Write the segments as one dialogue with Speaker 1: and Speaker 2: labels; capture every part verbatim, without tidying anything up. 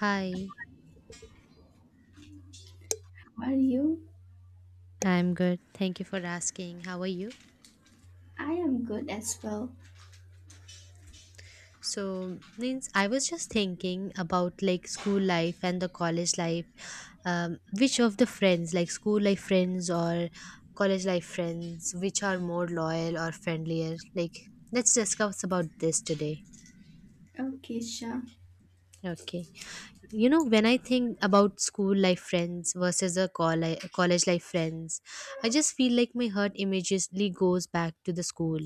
Speaker 1: Hi,
Speaker 2: How are you?
Speaker 1: I'm good. Thank you for asking. How are you?
Speaker 2: I am good as well.
Speaker 1: So, means I was just thinking about like school life and the college life. Um, which of the friends, like school life friends or college life friends, which are more loyal or friendlier? Like, let's discuss about this today.
Speaker 2: Okay, sure.
Speaker 1: Okay. You know when I think about school life friends versus a coll- college life friends, I just feel like my heart immediately goes back to the school,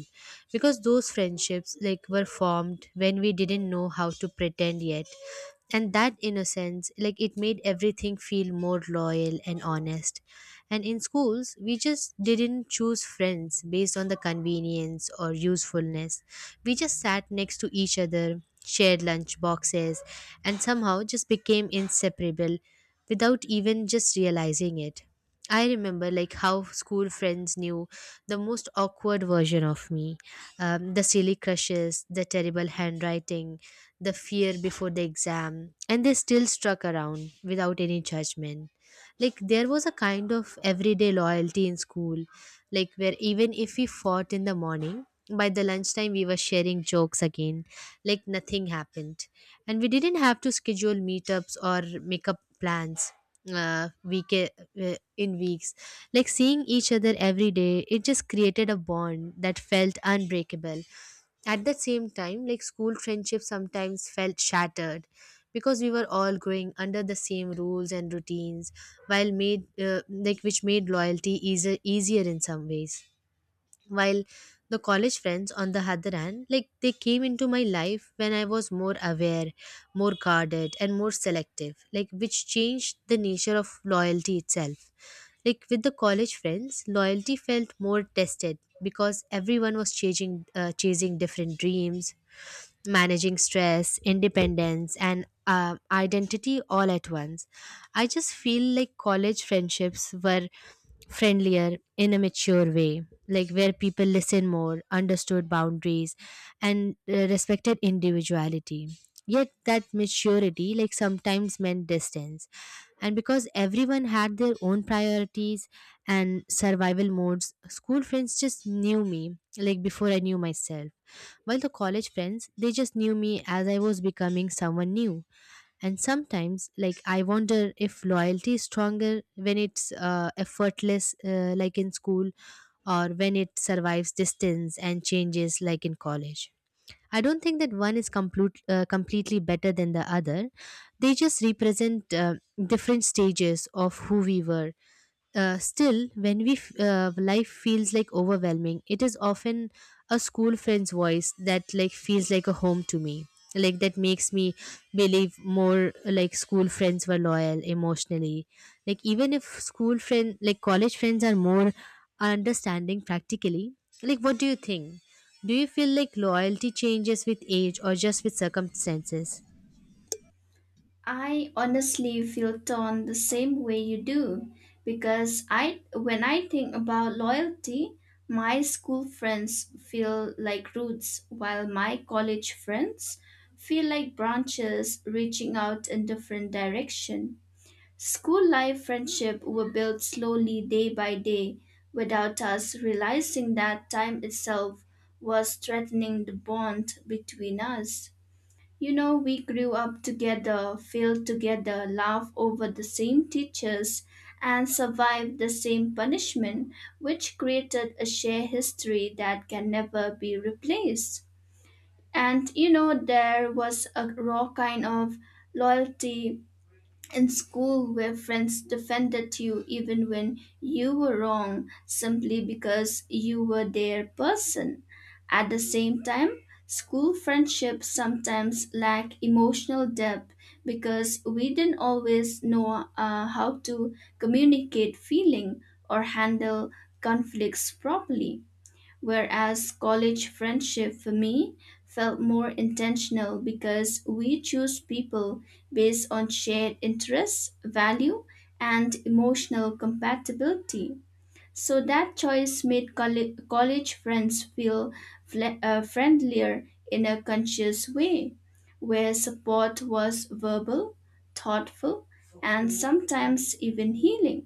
Speaker 1: because those friendships like were formed when we didn't know how to pretend yet, and that innocence like it made everything feel more loyal and honest. And in schools we just didn't choose friends based on the convenience or usefulness. We just sat next to each other, shared lunch boxes, and somehow just became inseparable without even just realizing it. I remember like how school friends knew the most awkward version of me, um, the silly crushes, the terrible handwriting, the fear before the exam, and they still struck around without any judgment. Like there was a kind of everyday loyalty in school, like where even if we fought in the morning, by the lunchtime we were sharing jokes again, like nothing happened. And we didn't have to schedule meetups or make up plans uh, week uh, in weeks Like seeing each other every day, it just created a bond that felt unbreakable. At the same time, like school friendships sometimes felt shattered because we were all growing under the same rules and routines, while made uh, like which made loyalty easier easier in some ways. While the college friends on the other hand, like they came into my life when I was more aware, more guarded and more selective, like which changed the nature of loyalty itself. Like with the college friends, loyalty felt more tested because everyone was chasing uh, chasing different dreams, managing stress, independence, and uh, identity all at once. I just feel like college friendships were friendlier in a mature way, like where people listen more, understood boundaries, and uh, respected individuality. Yet that maturity, like sometimes meant distance, and because everyone had their own priorities and survival modes, school friends just knew me like before I knew myself. While the college friends, they just knew me as I was becoming someone new. And sometimes, like, I wonder if loyalty is stronger when it's uh, effortless, uh, like in school, or when it survives distance and changes like in college. I don't think that one is complete, uh, completely better than the other. They just represent uh, different stages of who we were. Uh, still, when we f- uh, life feels like overwhelming, it is often a school friend's voice that like feels like a home to me. Like that makes me believe more like school friends were loyal emotionally. Like even if school friend like college friends are more understanding practically. Like what do you think? Do you feel like loyalty changes with age or just with circumstances?
Speaker 2: I honestly feel torn the same way you do because I when I think about loyalty, my school friends feel like roots while my college friends feel like branches reaching out in different direction. School life friendship were built slowly day by day without us realizing that time itself was threatening the bond between us. You know, we grew up together, failed together, laughed over the same teachers, and survived the same punishment, which created a shared history that can never be replaced. And you know, there was a raw kind of loyalty in school where friends defended you even when you were wrong simply because you were their person. At the same time, school friendships sometimes lack emotional depth because we didn't always know uh, how to communicate feeling or handle conflicts properly. Whereas college friendship for me felt more intentional because we choose people based on shared interests, value, and emotional compatibility. So that choice made colle- college friends feel fle- uh, friendlier in a conscious way, where support was verbal, thoughtful, and sometimes even healing.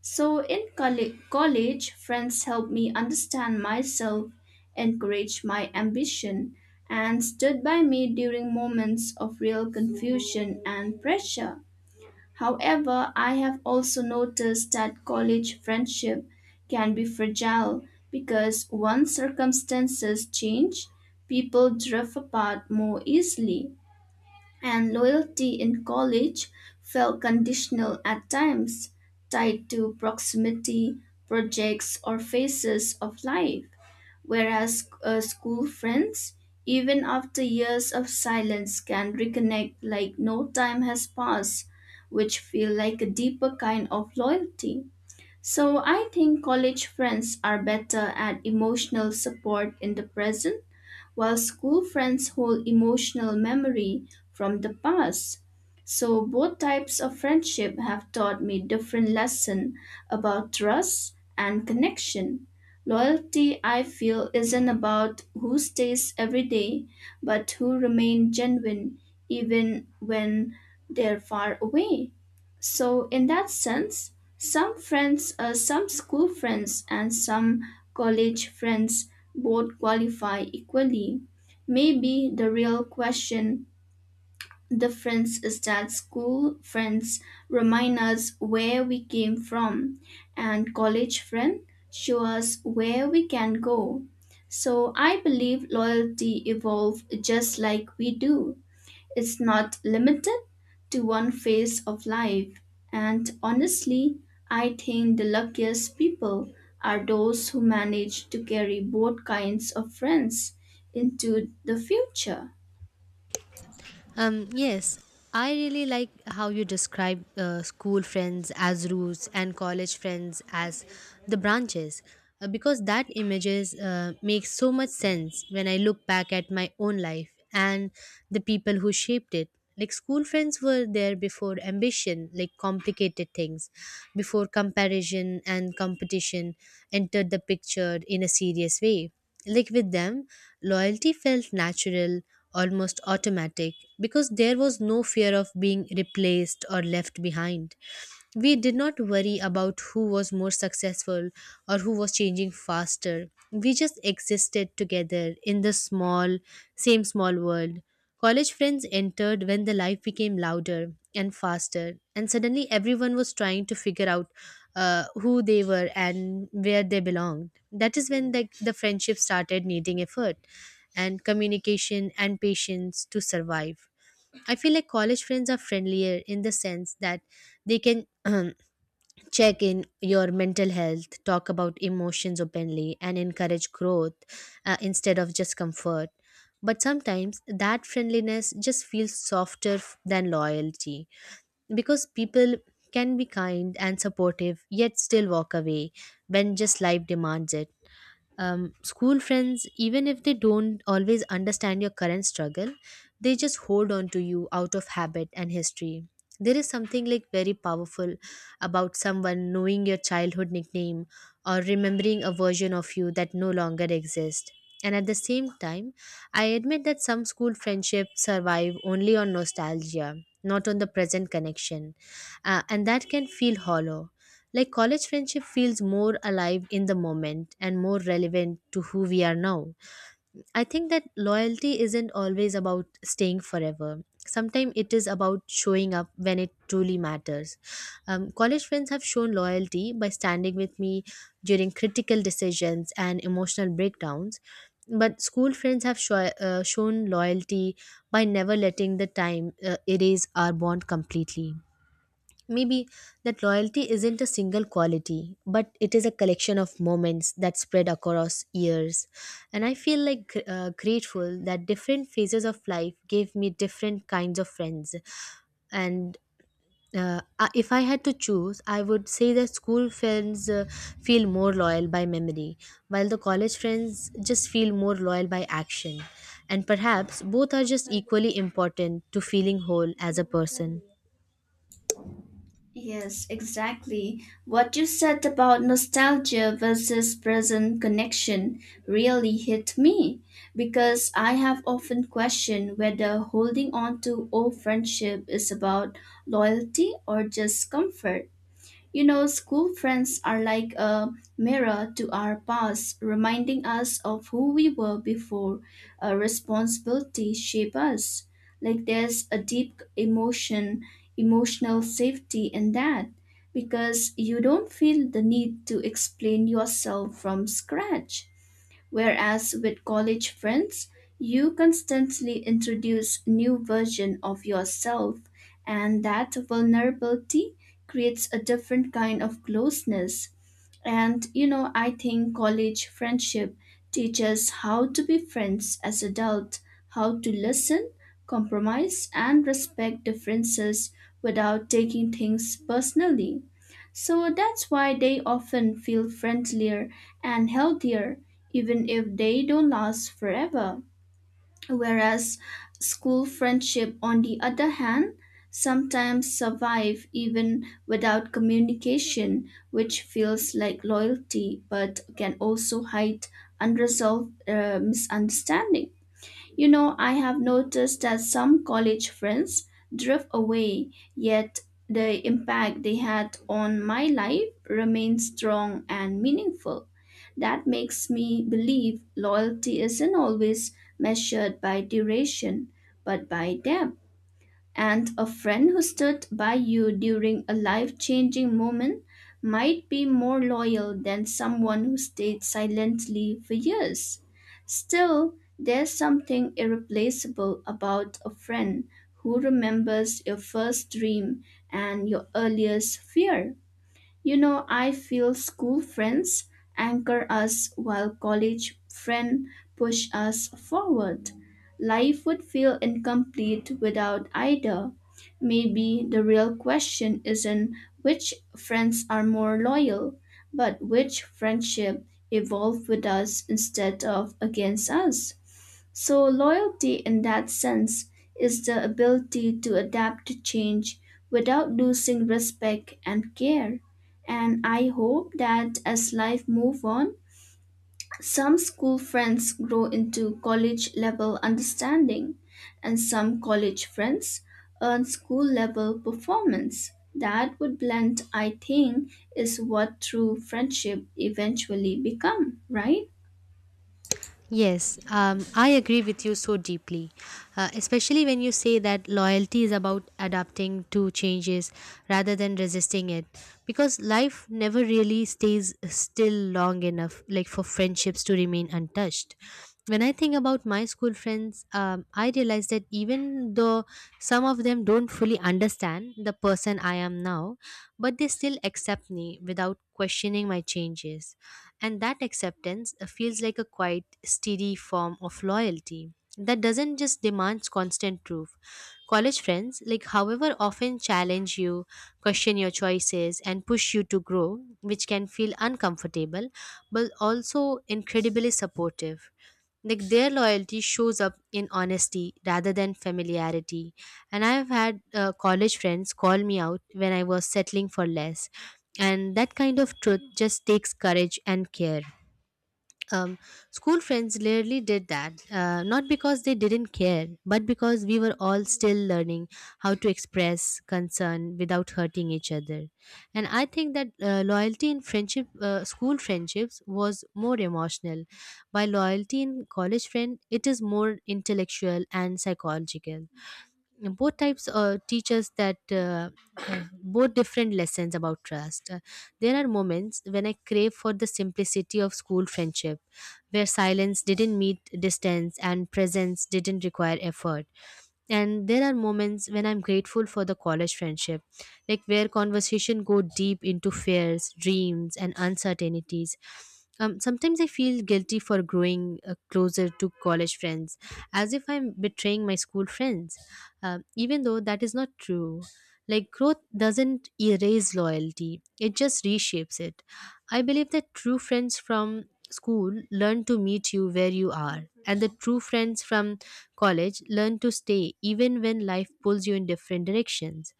Speaker 2: So, in colle- college, friends helped me understand myself, encouraged my ambition, and stood by me during moments of real confusion and pressure. However, I have also noticed that college friendship can be fragile because once circumstances change, people drift apart more easily and loyalty in college felt conditional at times, tied to proximity, projects, or phases of life. Whereas uh, school friends, even after years of silence, can reconnect like no time has passed, which feel like a deeper kind of loyalty. So I think college friends are better at emotional support in the present while school friends hold emotional memory from the past. So both types of friendship have taught me different lessons about trust and connection. Loyalty, I feel, isn't about who stays every day, but who remain genuine even when they're far away. So, in that sense, some friends, uh, some school friends, and some college friends both qualify equally. Maybe the real question difference is that school friends remind us where we came from, and college friends show us where we can go. So I believe loyalty evolves just like we do. It's not limited to one phase of life, and honestly, I think the luckiest people are those who manage to carry both kinds of friends into the future.
Speaker 1: Um, yes, I really like how you describe uh, school friends as roots and college friends as the branches, uh, because that images uh, makes so much sense when I look back at my own life and the people who shaped it. Like school friends were there before ambition like complicated things, before comparison and competition entered the picture in a serious way. Like with them, loyalty felt natural, almost automatic, because there was no fear of being replaced or left behind. We did not worry about who was more successful or who was changing faster. We just existed together in the small same small world. College friends entered when the life became louder and faster, and suddenly everyone was trying to figure out uh, who they were and where they belonged. That is when the, the friendship started needing effort and communication and patience to survive. I feel like college friends are friendlier in the sense that they can check in your mental health, talk about emotions openly and encourage growth, uh, instead of just comfort. But sometimes that friendliness just feels softer f- than loyalty, because people can be kind and supportive yet still walk away when just life demands it. Um, school friends, even if they don't always understand your current struggle, they just hold on to you out of habit and history. There is something like very powerful about someone knowing your childhood nickname or remembering a version of you that no longer exists. And at the same time, I admit that some school friendships survive only on nostalgia, not on the present connection, uh, and that can feel hollow. Like college friendship feels more alive in the moment and more relevant to who we are now. I think that loyalty isn't always about staying forever. Sometimes it is about showing up when it truly matters. Um, college friends have shown loyalty by standing with me during critical decisions and emotional breakdowns. But school friends have sho- uh, shown loyalty by never letting the time uh, erase our bond completely. Maybe that loyalty isn't a single quality, but it is a collection of moments that spread across years. And I feel like gr- uh, grateful that different phases of life gave me different kinds of friends. And uh, I- if I had to choose, I would say that school friends uh, feel more loyal by memory, while the college friends just feel more loyal by action. And perhaps both are just equally important to feeling whole as a person.
Speaker 2: Yes, exactly. What you said about nostalgia versus present connection really hit me because I have often questioned whether holding on to old friendship is about loyalty or just comfort. You know, school friends are like a mirror to our past, reminding us of who we were before a responsibility shape us. Like there's a deep emotion, emotional safety in that because you don't feel the need to explain yourself from scratch. Whereas with college friends, you constantly introduce new version of yourself and that vulnerability creates a different kind of closeness. And you know, I think college friendship teaches how to be friends as adults, how to listen, compromise and respect differences without taking things personally. So that's why they often feel friendlier and healthier even if they don't last forever, whereas school friendship, on the other hand, sometimes survive even without communication, which feels like loyalty but can also hide unresolved uh, misunderstanding. You know, I have noticed that some college friends drift away, yet the impact they had on my life remains strong and meaningful. That makes me believe loyalty isn't always measured by duration, but by depth. And a friend who stood by you during a life changing moment might be more loyal than someone who stayed silently for years. Still, there's something irreplaceable about a friend who remembers your first dream and your earliest fear. You know, I feel school friends anchor us while college friends push us forward. Life would feel incomplete without either. Maybe the real question isn't which friends are more loyal, but which friendship evolve with us instead of against us. So, loyalty in that sense is the ability to adapt to change without losing respect and care. And I hope that as life moves on, some school friends grow into college level understanding, and some college friends earn school level performance. That would blend, I think, is what true friendship eventually become, right?
Speaker 1: Yes, um, I agree with you so deeply, uh, especially when you say that loyalty is about adapting to changes rather than resisting it. Because life never really stays still long enough, like for friendships to remain untouched. When I think about my school friends, um, I realize that even though some of them don't fully understand the person I am now, but they still accept me without questioning my changes, and that acceptance uh, feels like a quite steady form of loyalty that doesn't just demand constant proof. College friends, like however often challenge you, question your choices and push you to grow, which can feel uncomfortable but also incredibly supportive. Like their loyalty shows up in honesty rather than familiarity, and I've had uh, college friends call me out when I was settling for less, and that kind of truth just takes courage and care. um, School friends rarely did that, uh, not because they didn't care, but because we were all still learning how to express concern without hurting each other. And I think that uh, loyalty in friendship, uh, school friendships, was more emotional, while loyalty in college friend, it is more intellectual and psychological. Both types uh, teach us that uh, uh, both different lessons about trust. Uh, there are moments when I crave for the simplicity of school friendship, where silence didn't meet distance and presence didn't require effort. And there are moments when I'm grateful for the college friendship, like where conversation go deep into fears, dreams and uncertainties. Um, sometimes I feel guilty for growing uh, closer to college friends, as if I'm betraying my school friends, uh, even though that is not true. Like growth doesn't erase loyalty, it just reshapes it. I believe that true friends from school learn to meet you where you are, and the true friends from college learn to stay even when life pulls you in different directions.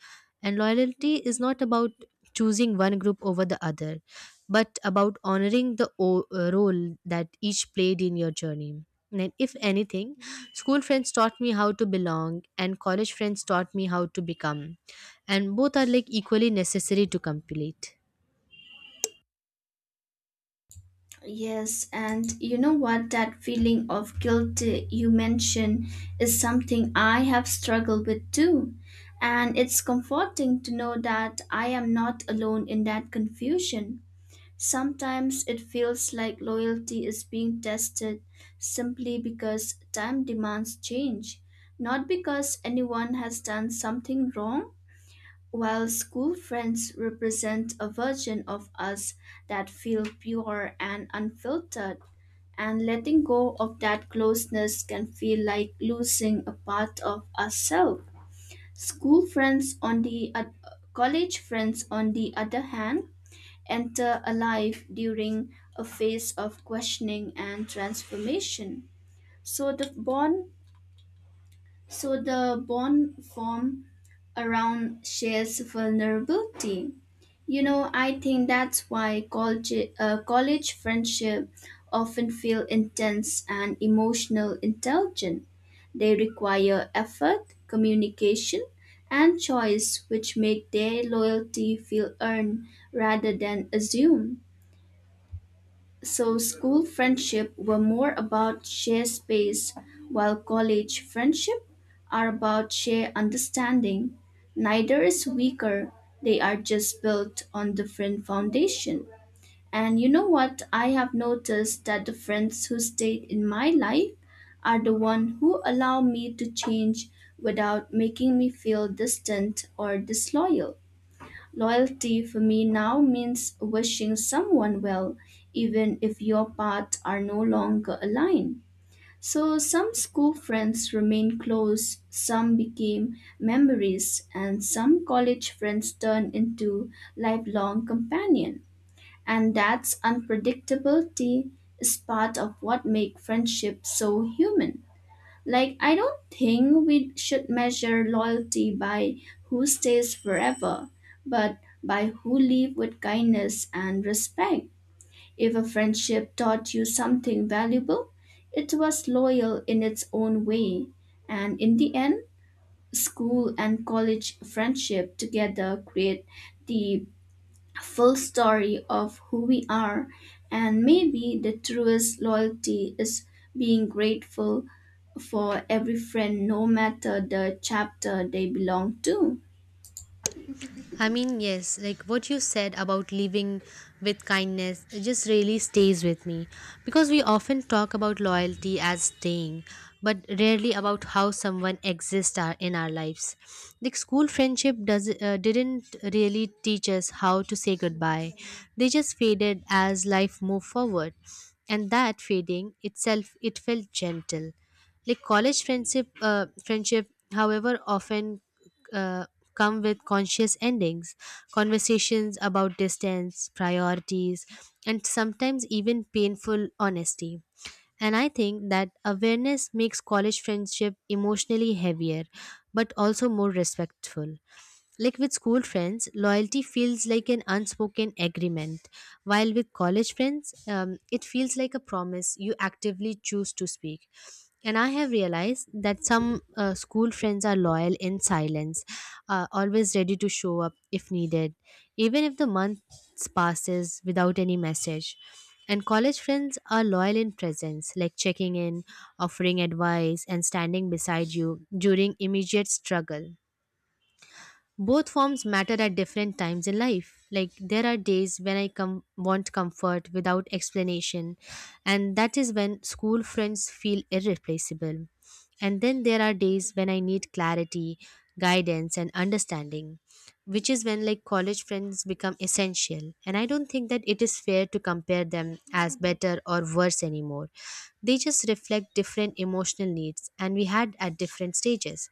Speaker 1: And loyalty is not about choosing one group over the other, but about honoring the o- uh, role that each played in your journey. And if anything, school friends taught me how to belong, and college friends taught me how to become. And both are like equally necessary to complete.
Speaker 2: Yes, and you know what? That feeling of guilt uh, you mentioned is something I have struggled with too. And it's comforting to know that I am not alone in that confusion. Sometimes it feels like loyalty is being tested simply because time demands change, not because anyone has done something wrong. While school friends represent a version of us that feel pure and unfiltered, and letting go of that closeness can feel like losing a part of ourselves. School friends on the oth- College friends on the other hand enter a life during a phase of questioning and transformation. So the bond so the bond form around shares vulnerability. You know, I think that's why college, uh, college friendship often feel intense and emotional intelligent. They require effort, communication, and choice, which make their loyalty feel earned rather than assumed. So school friendship were more about share space, while college friendship are about share understanding. Neither is weaker. They are just built on different foundation. And you know what? I have noticed that the friends who stayed in my life are the one who allow me to change without making me feel distant or disloyal. Loyalty for me now means wishing someone well, even if your paths are no longer aligned. So, some school friends remain close, some became memories, and some college friends turn into lifelong companion. And that's unpredictability is part of what makes friendship so human. Like, I don't think we should measure loyalty by who stays forever, but by who leave with kindness and respect. If a friendship taught you something valuable, it was loyal in its own way. And in the end, school and college friendship together create the full story of who we are, and maybe the truest loyalty is being grateful for every friend, no matter the chapter they belong to.
Speaker 1: I mean, yes, like what you said about living with kindness, it just really stays with me because we often talk about loyalty as staying, but rarely about how someone exists our, in our lives. Like school friendship does uh, didn't really teach us how to say goodbye; they just faded as life moved forward, and that fading itself it felt gentle. Like college friendship uh, friendship however often uh, come with conscious endings, conversations about distance, priorities, and sometimes even painful honesty. And I think that awareness makes college friendship emotionally heavier, but also more respectful. Like with school friends, loyalty feels like an unspoken agreement, while with college friends, um, it feels like a promise you actively choose to speak. And I have realized that some uh, school friends are loyal in silence, uh, always ready to show up if needed, even if the months passes without any message. And college friends are loyal in presence, like checking in, offering advice, and standing beside you during immediate struggle. Both forms matter at different times in life. Like there are days when I com- want comfort without explanation, and that is when school friends feel irreplaceable. And then there are days when I need clarity, guidance, and understanding, which is when like college friends become essential. And I don't think that it is fair to compare them as better or worse anymore. They just reflect different emotional needs, and we had at different stages.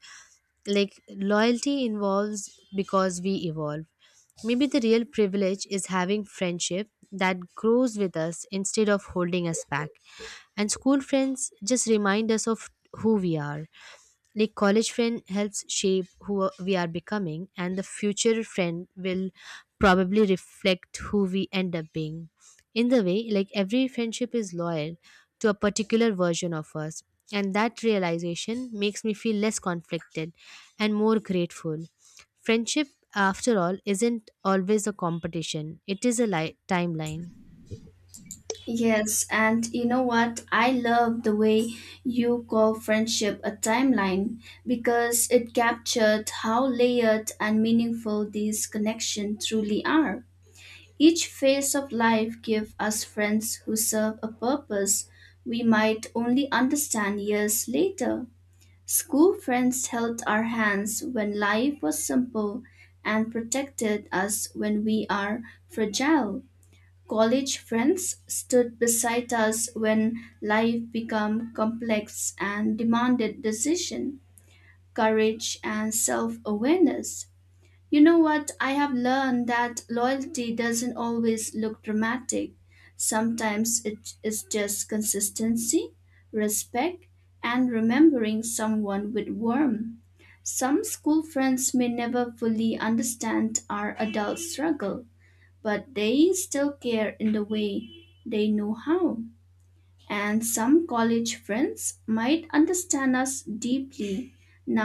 Speaker 1: Like loyalty involves because we evolve. Maybe the real privilege is having friendship that grows with us instead of holding us back. And school friends just remind us of who we are, like college friend helps shape who we are becoming, and the future friend will probably reflect who we end up being. In the way like every friendship is loyal to a particular version of us, and that realization makes me feel less conflicted and more grateful. Friendship, after all, isn't always a competition, it is a li- timeline.
Speaker 2: Yes, and you know what? I love the way you call friendship a timeline because it captured how layered and meaningful these connections truly are. Each phase of life gives us friends who serve a purpose we might only understand years later. School friends held our hands when life was simple and protected us when we are fragile. College friends stood beside us when life became complex and demanded decision, courage, and self awareness. You know what? I have learned that loyalty doesn't always look dramatic. Sometimes it is just consistency, respect, and remembering someone with warmth. Some school friends may never fully understand our adult struggle, but they still care in the way they know how. And some college friends might understand us deeply